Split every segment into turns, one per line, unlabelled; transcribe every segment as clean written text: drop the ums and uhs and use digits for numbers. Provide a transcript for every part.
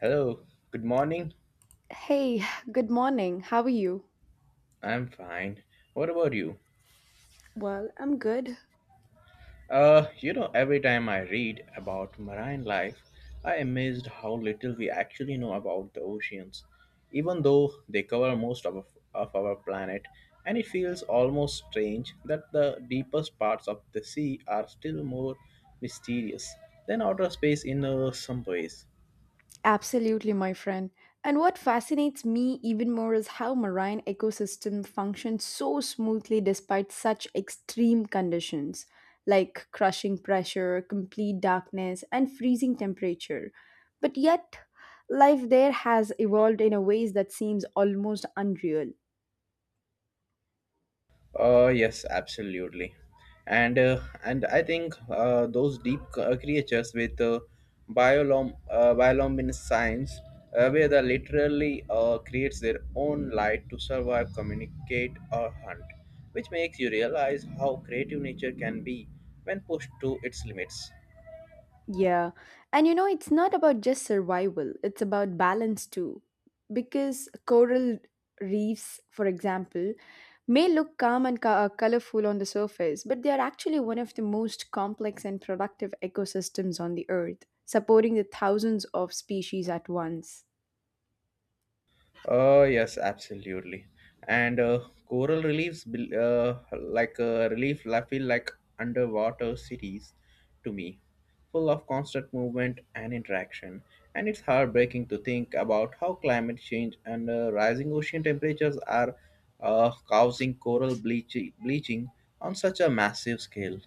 Hello, good morning.
Hey, good morning. How are you?
I'm fine. What about you?
Well, I'm good.
Every time I read about marine life, I am amazed how little we actually know about the oceans, even though they cover most of our planet. And it feels almost strange that the deepest parts of the sea are still more mysterious than outer space in some ways.
Absolutely, my friend. And what fascinates me even more is how marine ecosystem function so smoothly despite such extreme conditions like crushing pressure, complete darkness, and freezing temperature. But yet, life there has evolved in a ways that seems almost unreal.
Yes, absolutely, and I think those deep creatures with bioluminescence, where they literally creates their own light to survive, communicate, or hunt, which makes you realize how creative nature can be when pushed to its limits.
Yeah. And you know, it's not about just survival, it's about balance too. Because coral reefs, for example, may look calm and colorful on the surface, but they are actually one of the most complex and productive ecosystems on the earth, supporting the thousands of species at once.
Yes, absolutely. And Coral reliefs, like relief, I feel like underwater cities to me, full of constant movement and interaction. And it's heartbreaking to think about how climate change and rising ocean temperatures are causing coral bleaching on such a massive scale.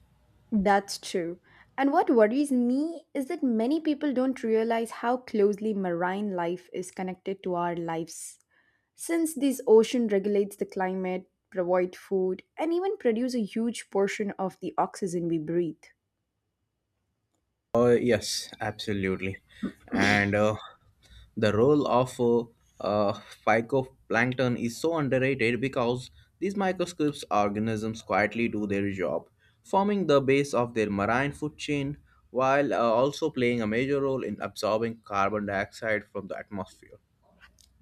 That's true. And what worries me is that many people don't realize how closely marine life is connected to our lives since this ocean regulates the climate, provide food, and even produce a huge portion of the oxygen we breathe.
Yes, absolutely. And The role of uh, phytoplankton is so underrated because these microscopic organisms quietly do their job, forming the base of their marine food chain while also playing a major role in absorbing carbon dioxide from the atmosphere.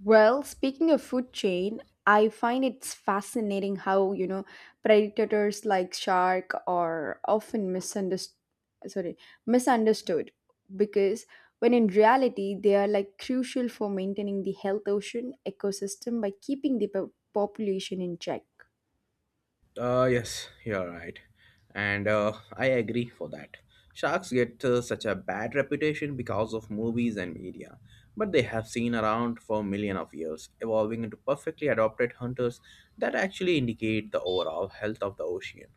Well, speaking of food chain, I find it's fascinating how, you know, predators like shark are often misunderstood, sorry, misunderstood because when in reality they are like crucial for maintaining the health ocean ecosystem by keeping the population in check.
Yes, you're right. And I agree for that. Sharks get such a bad reputation because of movies and media, but they have seen around for millions of years, evolving into perfectly adapted hunters that actually indicate the overall health of the ocean.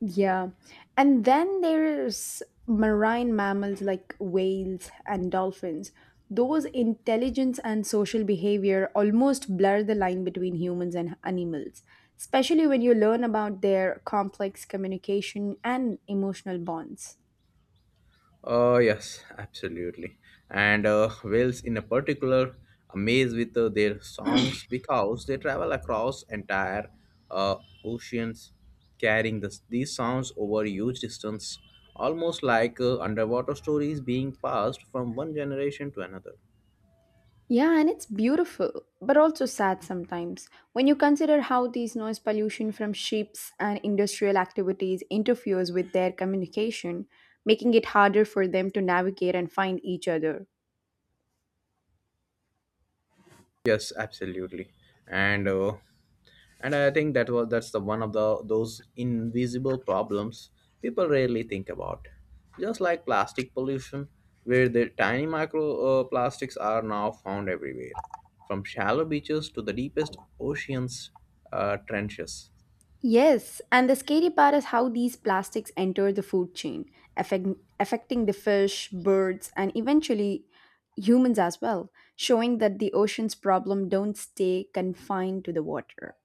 Yeah. And then there's marine mammals like whales and dolphins. Those intelligence and social behavior almost blur the line between humans and animals, especially when you learn about their complex communication and emotional bonds.
Yes, absolutely. And Wales, in a particular, amaze with their songs because they travel across entire uh, oceans, carrying these sounds over huge distance, almost like underwater stories being passed from one generation to another.
Yeah, and it's beautiful, but also sad sometimes when you consider how these noise pollution from ships and industrial activities interferes with their communication, making it harder for them to navigate and find each other.
Yes, absolutely. And uh, and I think that's the one of the those invisible problems people rarely think about, just like plastic pollution where the tiny micro plastics are now found everywhere from shallow beaches to the deepest oceans trenches.
Yes, and the scary part is how these plastics enter the food chain, affect, affecting the fish, birds, and eventually humans as well, showing that the ocean's problem don't stay confined to the water.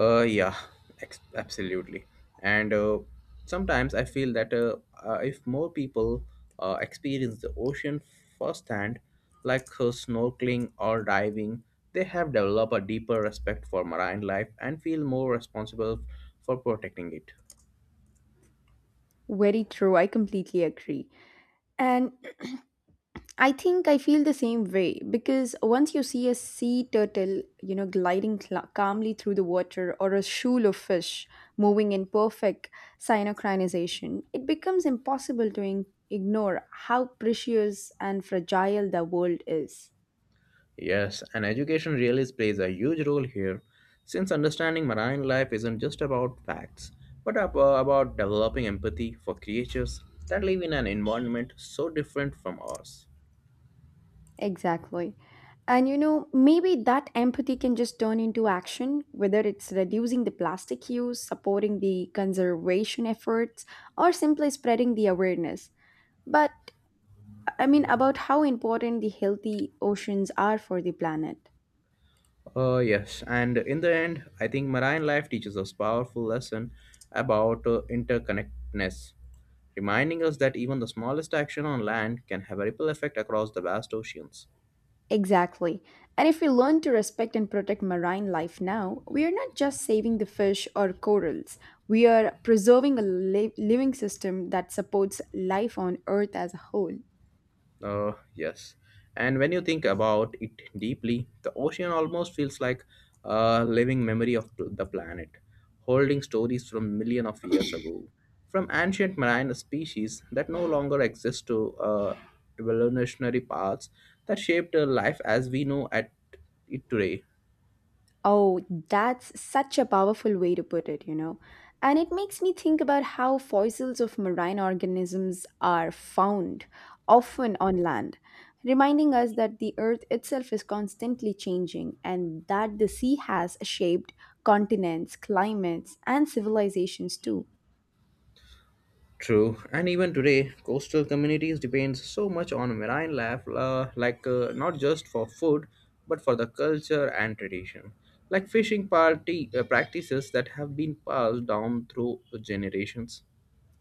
Yeah, absolutely. And Sometimes I feel that if more people experience the ocean firsthand, like snorkeling or diving, they have developed a deeper respect for marine life and feel more responsible for protecting it.
Very true, I completely agree. And I think I feel the same way because once you see a sea turtle, you know, gliding cla calmly through the water or a shoal of fish moving in perfect synchronization, it becomes impossible to ignore how precious and fragile the world is.
Yes, and education really plays a huge role here, since understanding marine life isn't just about facts, but about developing empathy for creatures that live in an environment so different from ours.
Exactly. And you know, maybe that empathy can just turn into action, whether it's reducing the plastic use, supporting the conservation efforts, or simply spreading the awareness. But I mean, about how important the healthy oceans are for the planet.
Yes, and in the end, I think marine life teaches us powerful lesson about interconnectedness, reminding us that even the smallest action on land can have a ripple effect across the vast oceans.
Exactly. And if we learn to respect and protect marine life now, we are not just saving the fish or corals, we are preserving a living system that supports life on Earth as a whole.
Yes. And when you think about it deeply, the ocean almost feels like a living memory of the planet, holding stories from million of years ago, from ancient marine species that no longer exist to evolutionary paths that shaped life as we know at it today.
Oh, that's such a powerful way to put it, you know. And it makes me think about how fossils of marine organisms are found, often on land, reminding us that the earth itself is constantly changing and that the sea has shaped continents, climates, and civilizations too.
True, and even today, coastal communities depend so much on marine life, like not just for food, but for the culture and tradition. Like fishing party practices that have been passed down through generations.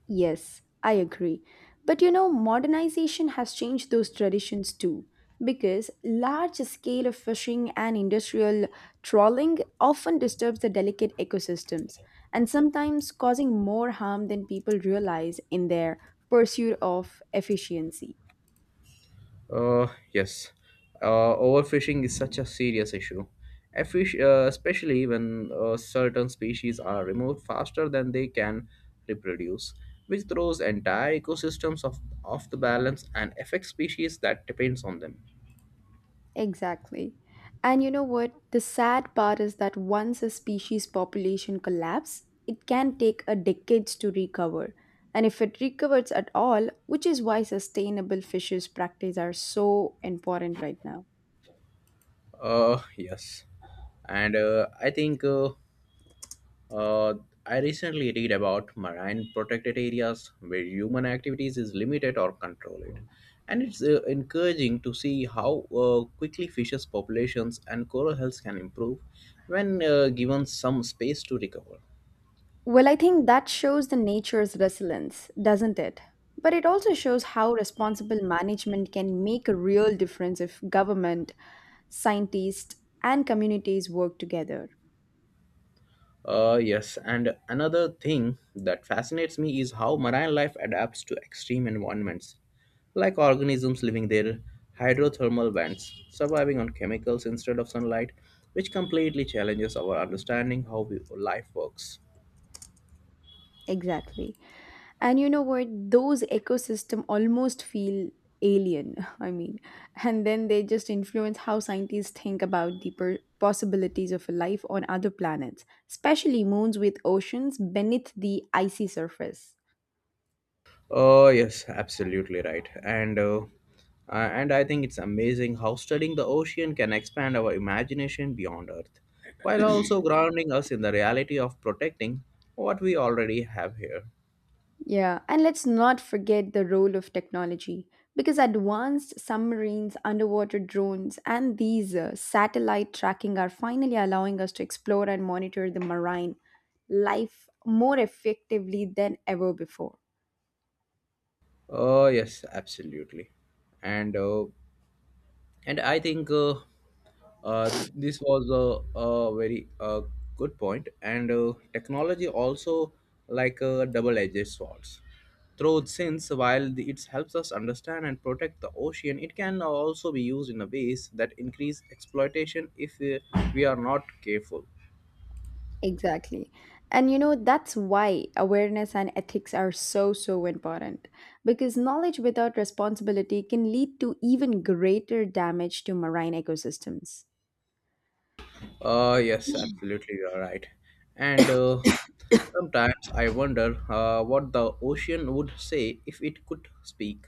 Yes, I agree. But you know, modernization has changed those traditions too, because large scale of fishing and industrial trawling often disturbs the delicate ecosystems and sometimes causing more harm than people realize in their pursuit of efficiency.
Yes. Overfishing is such a serious issue. Especially when certain species are removed faster than they can reproduce, which throws entire ecosystems off the balance and affects species that depends on them.
Exactly. And you know what? The sad part is that once a species population collapse, it can take a decades to recover. And if it recovers at all, which is why sustainable fishes practice are so important right now.
Yes. And I think Uh, I recently read about marine protected areas where human activities is limited or controlled, and it's encouraging to see how quickly fishes populations and coral health can improve when given some space to recover.
Well, I think that shows the nature's resilience, doesn't it? But it also shows how responsible management can make a real difference if government, scientists, and communities work together.
Yes, and another thing that fascinates me is how marine life adapts to extreme environments, like organisms living their hydrothermal vents, surviving on chemicals instead of sunlight, which completely challenges our understanding how we, life works.
Exactly. And you know what? Those ecosystem almost feel alien, I mean, and then they just influence how scientists think about the possibilities of life on other planets, especially moons with oceans beneath the icy surface.
Oh yes, absolutely right, and I think it's amazing how studying the ocean can expand our imagination beyond Earth, while also grounding us in the reality of protecting what we already have here.
Yeah, and let's not forget the role of technology because advanced submarines, underwater drones, and these satellite tracking are finally allowing us to explore and monitor the marine life more effectively than ever before.
Yes, absolutely, and uh, and I think this was a very good point. And Technology also like a double-edged swords. Though since while it helps us understand and protect the ocean, it can also be used in a ways that increase exploitation if we are not careful.
Exactly. And you know, that's why awareness and ethics are so, so important because knowledge without responsibility can lead to even greater damage to marine ecosystems.
Yes, absolutely, you're right. And Sometimes I wonder what the ocean would say if it could speak.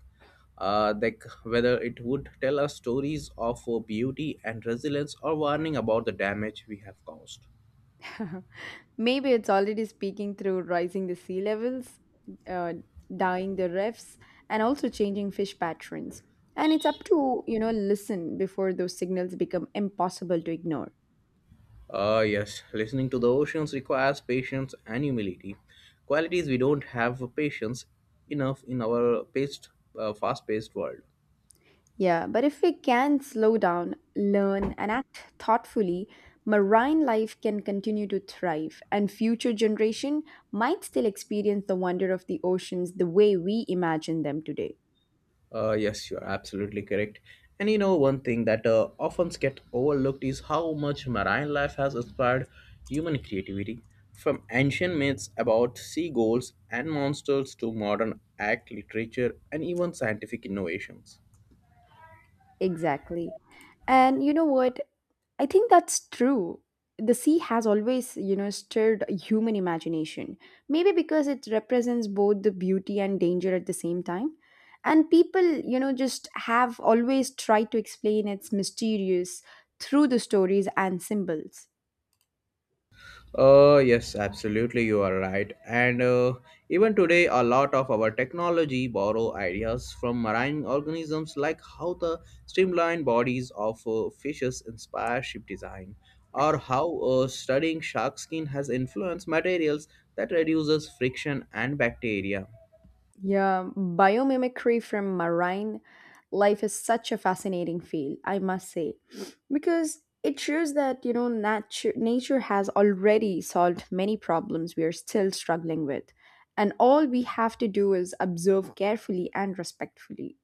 Like whether it would tell us stories of beauty and resilience or warning about the damage we have caused.
Maybe it's already speaking through rising the sea levels, uh, dying the reefs, and also changing fish patterns. And it's up to, you know, listen before those signals become impossible to ignore.
Yes, listening to the oceans requires patience and humility. Qualities we don't have patience enough in our fast paced world.
Yeah, but if we can slow down, learn, and act thoughtfully, marine life can continue to thrive, and future generation might still experience the wonder of the oceans the way we imagine them today.
Yes, you are absolutely correct. And one thing that often gets overlooked is how much marine life has inspired human creativity. From ancient myths about sea gulls and monsters to modern act literature and even scientific innovations.
Exactly. And you know what? I think that's true. The sea has always, you know, stirred human imagination. Maybe because it represents both the beauty and danger at the same time. And people, you know, just have always tried to explain its mysterious through the stories and symbols.
Yes, absolutely, you are right. And Even today, a lot of our technology borrow ideas from marine organisms, like how the streamlined bodies of fishes inspire ship design, or how studying shark skin has influenced materials that reduces friction and bacteria.
Yeah, biomimicry from marine life is such a fascinating field, I must say, because it shows that, you know, nature has already solved many problems we are still struggling with, and all we have to do is observe carefully and respectfully.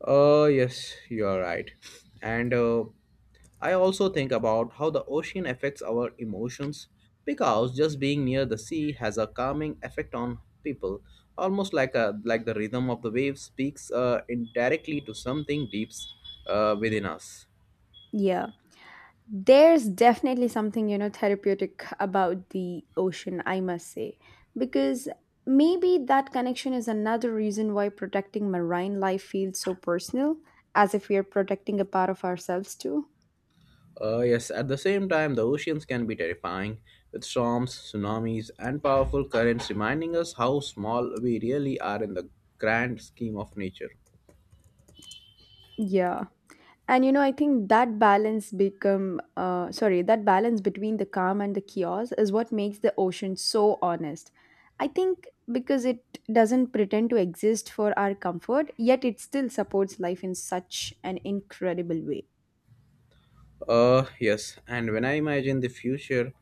Yes, you are right. And I also think about how the ocean affects our emotions because just being near the sea has a calming effect on people, almost like the rhythm of the waves speaks indirectly to something deep within us.
Yeah. There's definitely something, you know, therapeutic about the ocean, I must say, because maybe that connection is another reason why protecting marine life feels so personal, as if we are protecting a part of ourselves too.
Yes, at the same time, the oceans can be terrifying, with storms, tsunamis, and powerful currents reminding us how small we really are in the grand scheme of nature.
Yeah. And you know, I think that balance become sorry that balance between the calm and the chaos is what makes the ocean so honest, I think, because it doesn't pretend to exist for our comfort, yet it still supports life in such an incredible way.
Yes, and when I imagine the future,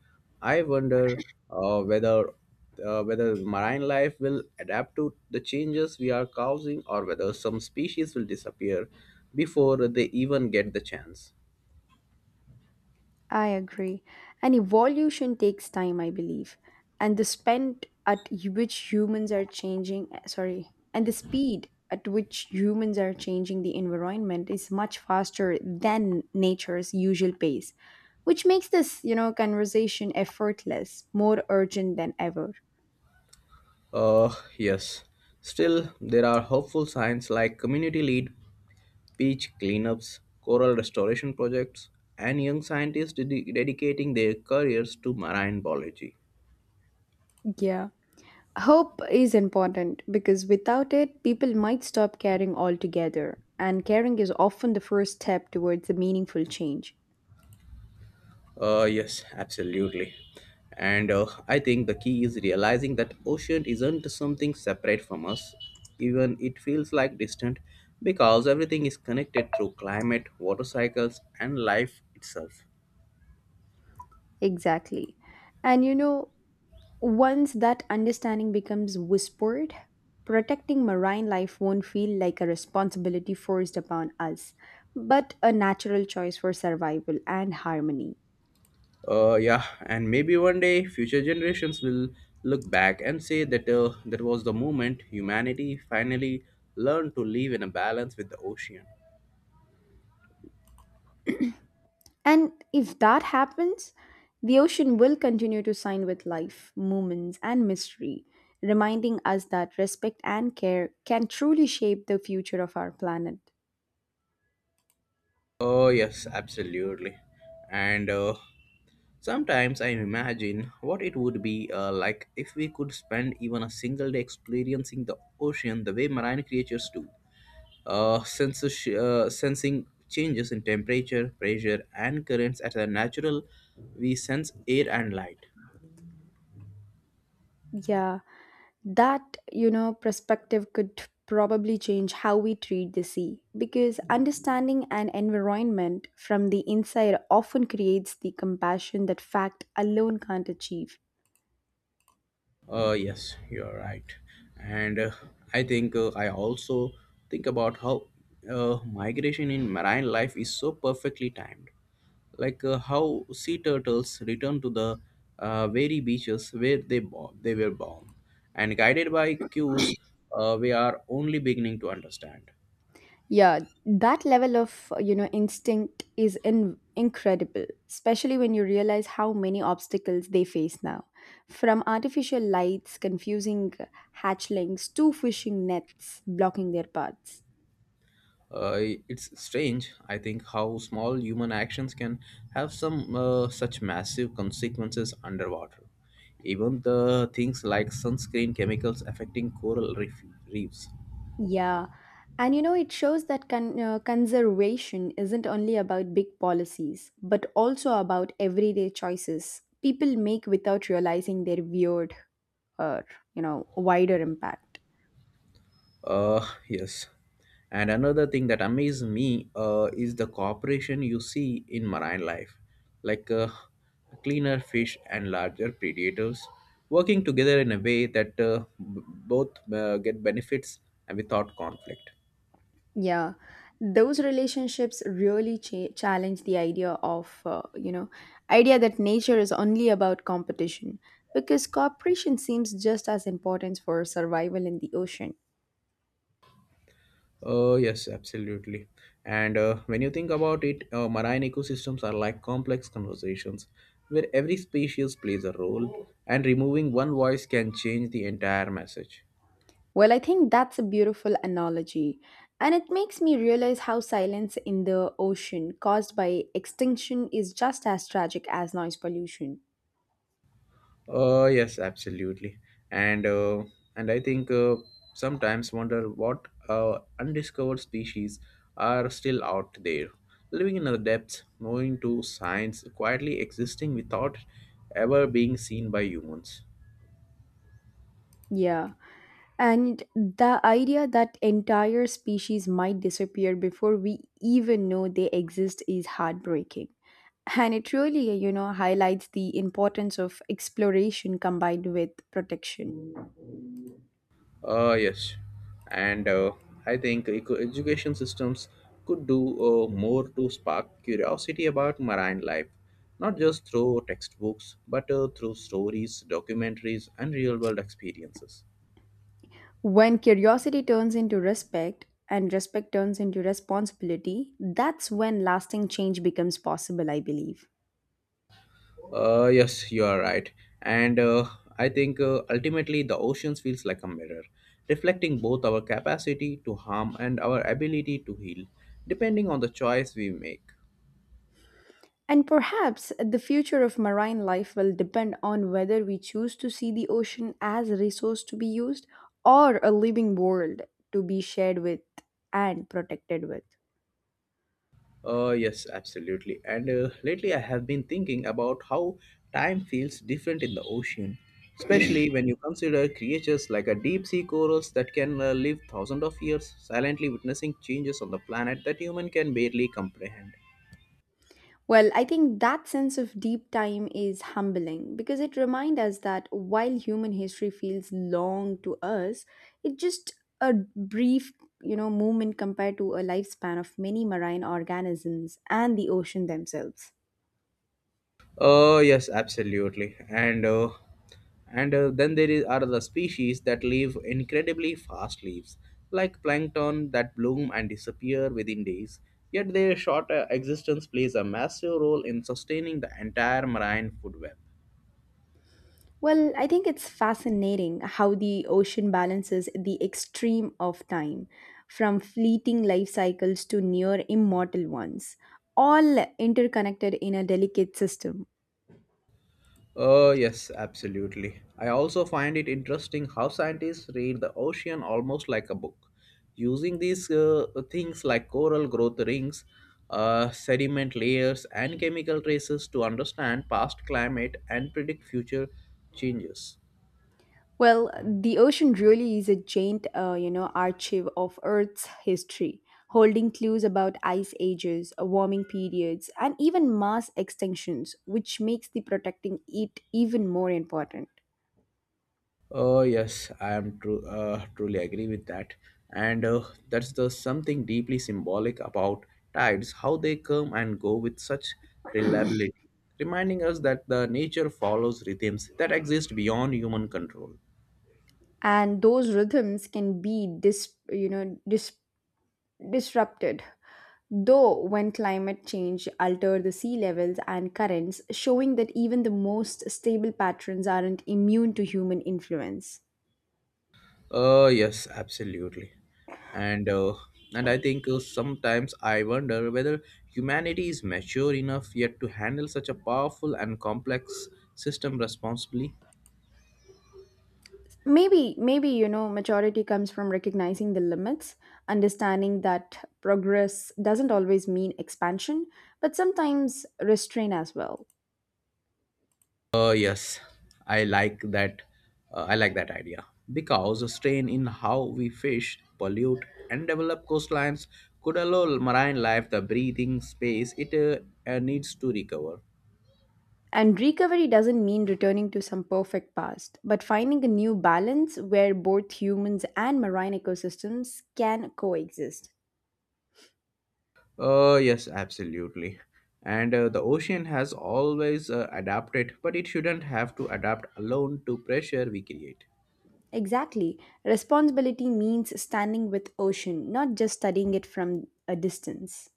I wonder uh, whether uh, whether marine life will adapt to the changes we are causing, or whether some species will disappear before they even get the chance.
I agree. And evolution takes time, I believe. And the spend at which humans are changing, eh, sorry, and the speed at which humans are changing the environment is much faster than nature's usual pace, which makes this, you know, conversation effortless, more urgent than ever.
Yes. Still, there are hopeful signs like community lead, beach cleanups, coral restoration projects, and young scientists dedicating their careers to marine biology.
Yeah. Hope is important because without it, people might stop caring altogether. And caring is often the first step towards a meaningful change.
Yes, absolutely. And I think the key is realizing that ocean isn't something separate from us, even it feels like distant, because everything is connected through climate, water cycles, and life itself.
Exactly. And you know, once that understanding becomes whispered, protecting marine life won't feel like a responsibility forced upon us, but a natural choice for survival and harmony.
Yeah, and maybe one day future generations will look back and say that was the moment humanity finally learned to live in a balance with the ocean.
And if that happens, the ocean will continue to sign with life, movements, and mystery, reminding us that respect and care can truly shape the future of our planet.
Oh, yes, absolutely. And Sometimes I imagine what it would be like if we could spend even a single day experiencing the ocean the way marine creatures do. Sensing changes in temperature, pressure, and currents at a natural, we sense air and light.
Yeah, that, you know, perspective could probably change how we treat the sea because understanding an environment from the inside often creates the compassion that fact alone can't achieve.
Yes, you're right. And I think I also think about how migration in marine life is so perfectly timed, like how sea turtles return to the very beaches where they were born, and guided by cues we are only beginning to understand.
Yeah, that level of you know, instinct is incredible, especially when you realize how many obstacles they face now, from artificial lights confusing hatchlings to fishing nets blocking their paths.
Uh, it's strange, I think, how small human actions can have some such massive consequences underwater. Even the things like sunscreen chemicals affecting coral reefs.
Yeah. And you know, it shows that conservation isn't only about big policies, but also about everyday choices people make without realizing their weird or, you know, wider impact.
Yes. And another thing that amazes me is the cooperation you see in marine life, like cleaner fish and larger predators working together in a way that both get benefits and without conflict.
Yeah. Those relationships really challenge the idea of, you know, idea that nature is only about competition because cooperation seems just as important for survival in the ocean.
Oh, yes, absolutely. And When you think about it, marine ecosystems are like complex conversations where every species plays a role, and removing one voice can change the entire message.
Well, I think that's a beautiful analogy. And it makes me realize how silence in the ocean caused by extinction is just as tragic as noise pollution.
Yes, absolutely. And uh, and I think Sometimes wonder what undiscovered species are still out there, living in the depths, knowing to science, quietly existing without ever being seen by humans.
Yeah. And the idea that entire species might disappear before we even know they exist is heartbreaking. And it really, you know, highlights the importance of exploration combined with protection.
Yes, and I think education systems could do more to spark curiosity about marine life, not just through textbooks, but through stories, documentaries, and real-world experiences.
When curiosity turns into respect and respect turns into responsibility, that's when lasting change becomes possible, I believe.
Yes, you are right. And I think Ultimately the oceans feels like a mirror, reflecting both our capacity to harm and our ability to heal, depending on the choice we make.
And perhaps the future of marine life will depend on whether we choose to see the ocean as a resource to be used or a living world to be shared with and protected with.
Yes, absolutely. And Lately I have been thinking about how time feels different in the ocean, especially when you consider creatures like a deep sea corals that can live thousands of years silently witnessing changes on the planet that human can barely comprehend.
Well, I think that sense of deep time is humbling because it reminds us that while human history feels long to us, it's just a brief, you know, moment compared to a lifespan of many marine organisms and the ocean themselves.
Yes, absolutely. And then there are the species that live incredibly fast lives, like plankton that bloom and disappear within days. Yet their short existence plays a massive role in sustaining the entire marine food web.
Well, I think it's fascinating how the ocean balances the extreme of time, from fleeting life cycles to near immortal ones, all interconnected in a delicate system.
Yes, absolutely. I also find it interesting how scientists read the ocean almost like a book, using these things like coral growth rings, sediment layers, and chemical traces to understand past climate and predict future changes.
Well, the ocean really is a giant, you know, archive of Earth's history, holding clues about ice ages, warming periods, and even mass extinctions, which makes the protecting it even more important.
Oh yes, I truly agree with that. And that's the something deeply symbolic about tides, how they come and go with such reliability, reminding us that the nature follows rhythms that exist beyond human control.
And those rhythms can be you know, disrupted. Though, when climate change alter the sea levels and currents, showing that even the most stable patterns aren't immune to human influence.
Yes, absolutely. And uh, and I think sometimes I wonder whether humanity is mature enough yet to handle such a powerful and complex system responsibly.
Maybe, you know, maturity comes from recognizing the limits, understanding that progress doesn't always mean expansion but sometimes restraint as well.
Yes, I like that. I like that idea because the strain in how we fish, pollute, and develop coastlines could allow marine life the breathing space it needs to recover.
And recovery doesn't mean returning to some perfect past, but finding a new balance where both humans and marine ecosystems can coexist.
Yes, absolutely. And the ocean has always adapted, but it shouldn't have to adapt alone to pressure we create.
Exactly, responsibility means standing with ocean, not just studying it from a distance.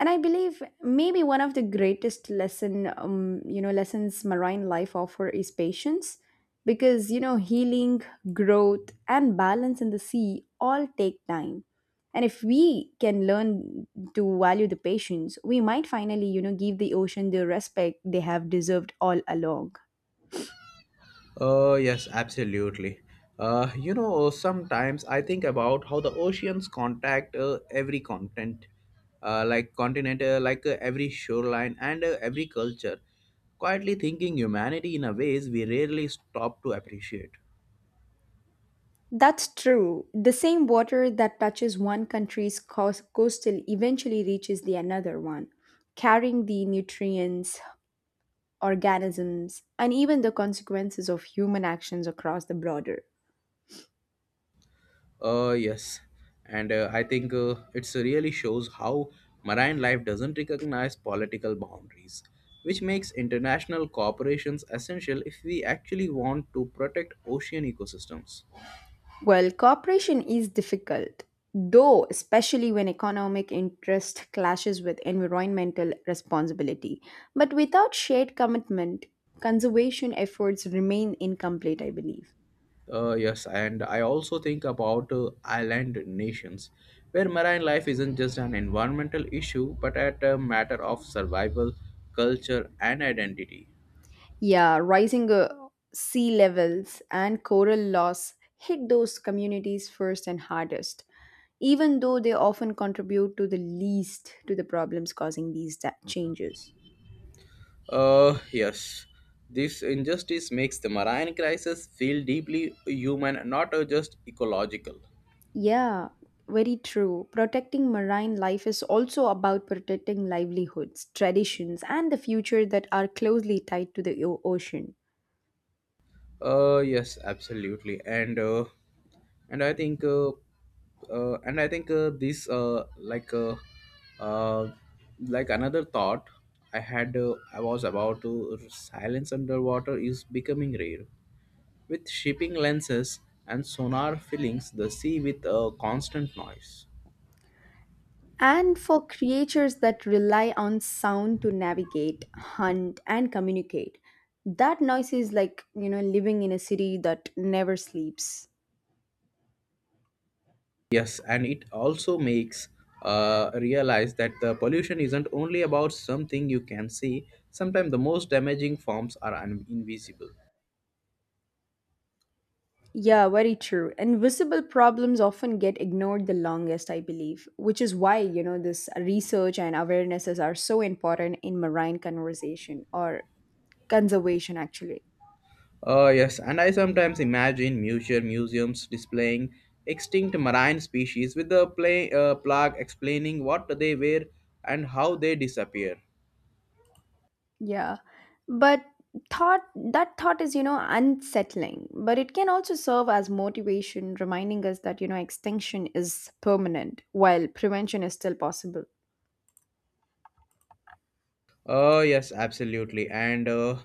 And I believe maybe one of the greatest lesson you know, lessons marine life offer is patience, because, you know, healing, growth and balance in the sea all take time, and if we can learn to value the patience, we might finally, you know, give the ocean the respect they have deserved all along.
Yes, absolutely. You know, sometimes I think about how the oceans contact every continent, every shoreline and every culture, quietly thinking humanity in a ways we rarely stop to appreciate.
That's true. The same water that touches one country's coast coastal eventually reaches the another one, carrying the nutrients, organisms, and even the consequences of human actions across the broader.
Yes, and I think it's really shows how marine life doesn't recognize political boundaries, which makes international cooperations essential if we actually want to protect ocean ecosystems.
Well, cooperation is difficult, though, especially when economic interest clashes with environmental responsibility. But without shared commitment, conservation efforts remain incomplete, I believe.
Yes, and I also think about island nations, where marine life isn't just an environmental issue, but at a matter of survival, culture, and identity.
Yeah, rising sea levels and coral loss hit those communities first and hardest, even though they often contribute to the least to the problems causing these changes.
Yes, this injustice makes the marine crisis feel deeply human, not just ecological.
Yeah, very true. Protecting marine life is also about protecting livelihoods, traditions, and the future that are closely tied to the ocean.
Yes, absolutely, and I think uh, and I think this uh, like another thought I had I was about to silence underwater is becoming rare, with shipping lenses and sonar filling the sea with a constant noise.
And for creatures that rely on sound to navigate, hunt, and communicate, that noise is like, you know, living in a city that never sleeps.
Yes, and it also makes realize that the pollution isn't only about something you can see. Sometimes the most damaging forms are invisible.
Yeah, very true. Invisible problems often get ignored the longest, I believe, which is why, you know, this research and awarenesses are so important in marine conversation or conservation, actually.
Yes, and I sometimes imagine museums displaying extinct marine species with the plaque explaining what they were and how they disappear.
Yeah. But thought is, you know, unsettling, but it can also serve as motivation, reminding us that, you know, extinction is permanent while prevention is still possible.
Yes, absolutely, and uh,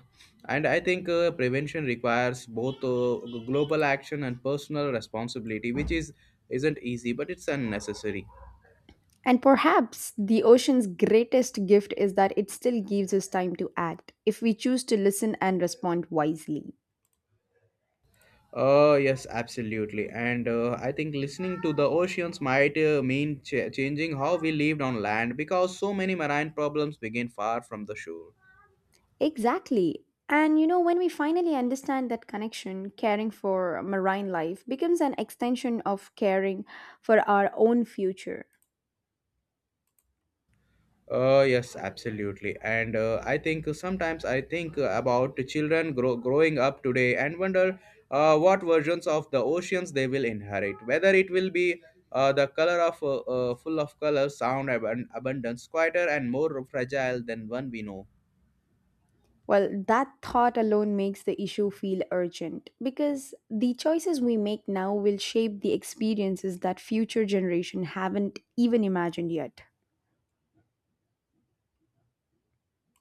and I think prevention requires both global action and personal responsibility, which is isn't easy, but it's unnecessary.
And perhaps the ocean's greatest gift is that it still gives us time to act if we choose to listen and respond wisely.
Yes, absolutely. And I think listening to the oceans might mean changing how we lived on land because so many marine problems begin far from the shore.
Exactly. And you know, when we finally understand that connection, caring for marine life becomes an extension of caring for our own future.
Yes, absolutely. And I think sometimes I think about children growing up today and wonder what versions of the oceans they will inherit. Whether it will be the color of full of color, sound, abundance, quieter and more fragile than one we know.
Well, that thought alone makes the issue feel urgent because the choices we make now will shape the experiences that future generation haven't even imagined yet.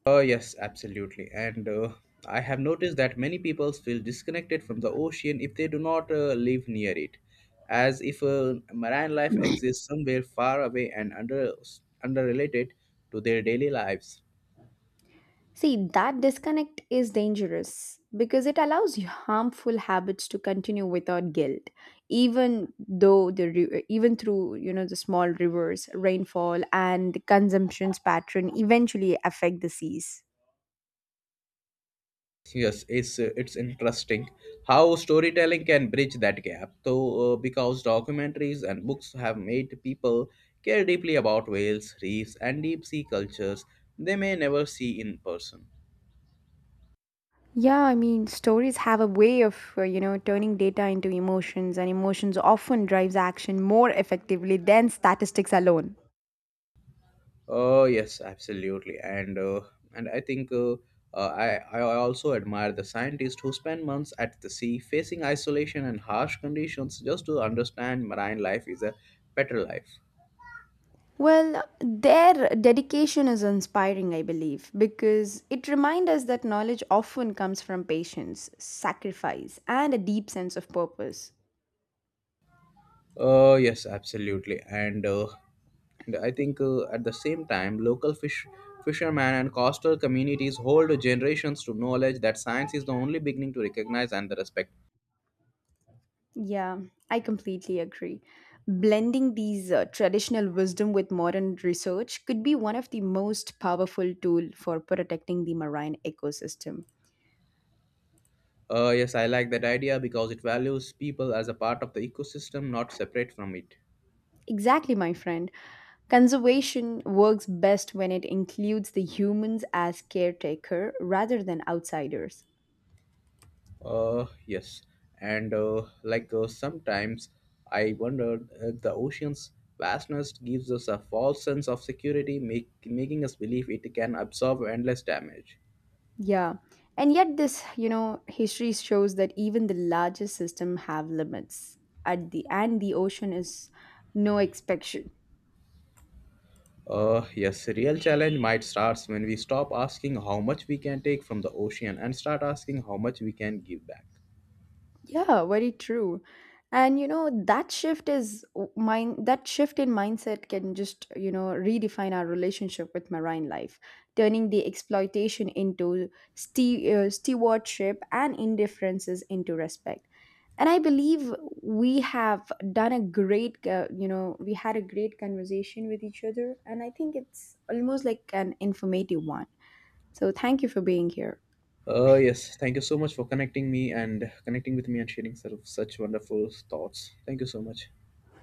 Yes, absolutely. And I have noticed that many people feel disconnected from the ocean if they do not live near it, as if marine life exists somewhere far away and underrelated to their daily lives.
See, that disconnect is dangerous because it allows harmful habits to continue without guilt, even though the even through, you know, the small rivers, rainfall, and consumption's pattern eventually affect the seas.
Yes, it's interesting how storytelling can bridge that gap. So, because documentaries and books have made people care deeply about whales, reefs, and deep sea cultures they may never see in person.
Yeah, I mean, stories have a way of, you know, turning data into emotions, and emotions often drives action more effectively than statistics alone.
Yes, absolutely, and I think I also admire the scientists who spend months at the sea, facing isolation and harsh conditions, just to understand marine life is a better life.
Well, their dedication is inspiring, I believe, because it reminds us that knowledge often comes from patience, sacrifice, and a deep sense of purpose.
Yes, absolutely, and I think at the same time, local fishermen and coastal communities hold generations to knowledge that science is the only beginning to recognize and the respect.
Yeah, I completely agree. Blending these traditional wisdom with modern research could be one of the most powerful tool for protecting the marine ecosystem.
Yes, I like that idea because it values people as a part of the ecosystem, not separate from it.
Exactly, my friend. Conservation works best when it includes the humans as caretaker rather than outsiders.
Yes, and sometimes I wondered if the ocean's vastness gives us a false sense of security, making us believe it can absorb endless damage.
Yeah. And yet this, you know, history shows that even the largest system have limits. At the end, the ocean is no exception.
Yes, real challenge might start when we stop asking how much we can take from the ocean and start asking how much we can give back.
Yeah, very true. And you know, that shift is mind that shift in mindset can just, you know, redefine our relationship with marine life, turning the exploitation into stewardship and indifferences into respect. And I believe we have done a great, you know, we had a great conversation with each other, and I think it's almost like an informative one. So thank you for being here.
Yes, thank you so much for connecting me and connecting with me and sharing sort of such wonderful thoughts. Thank you so much.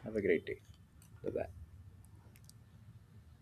Have a great day. Bye bye.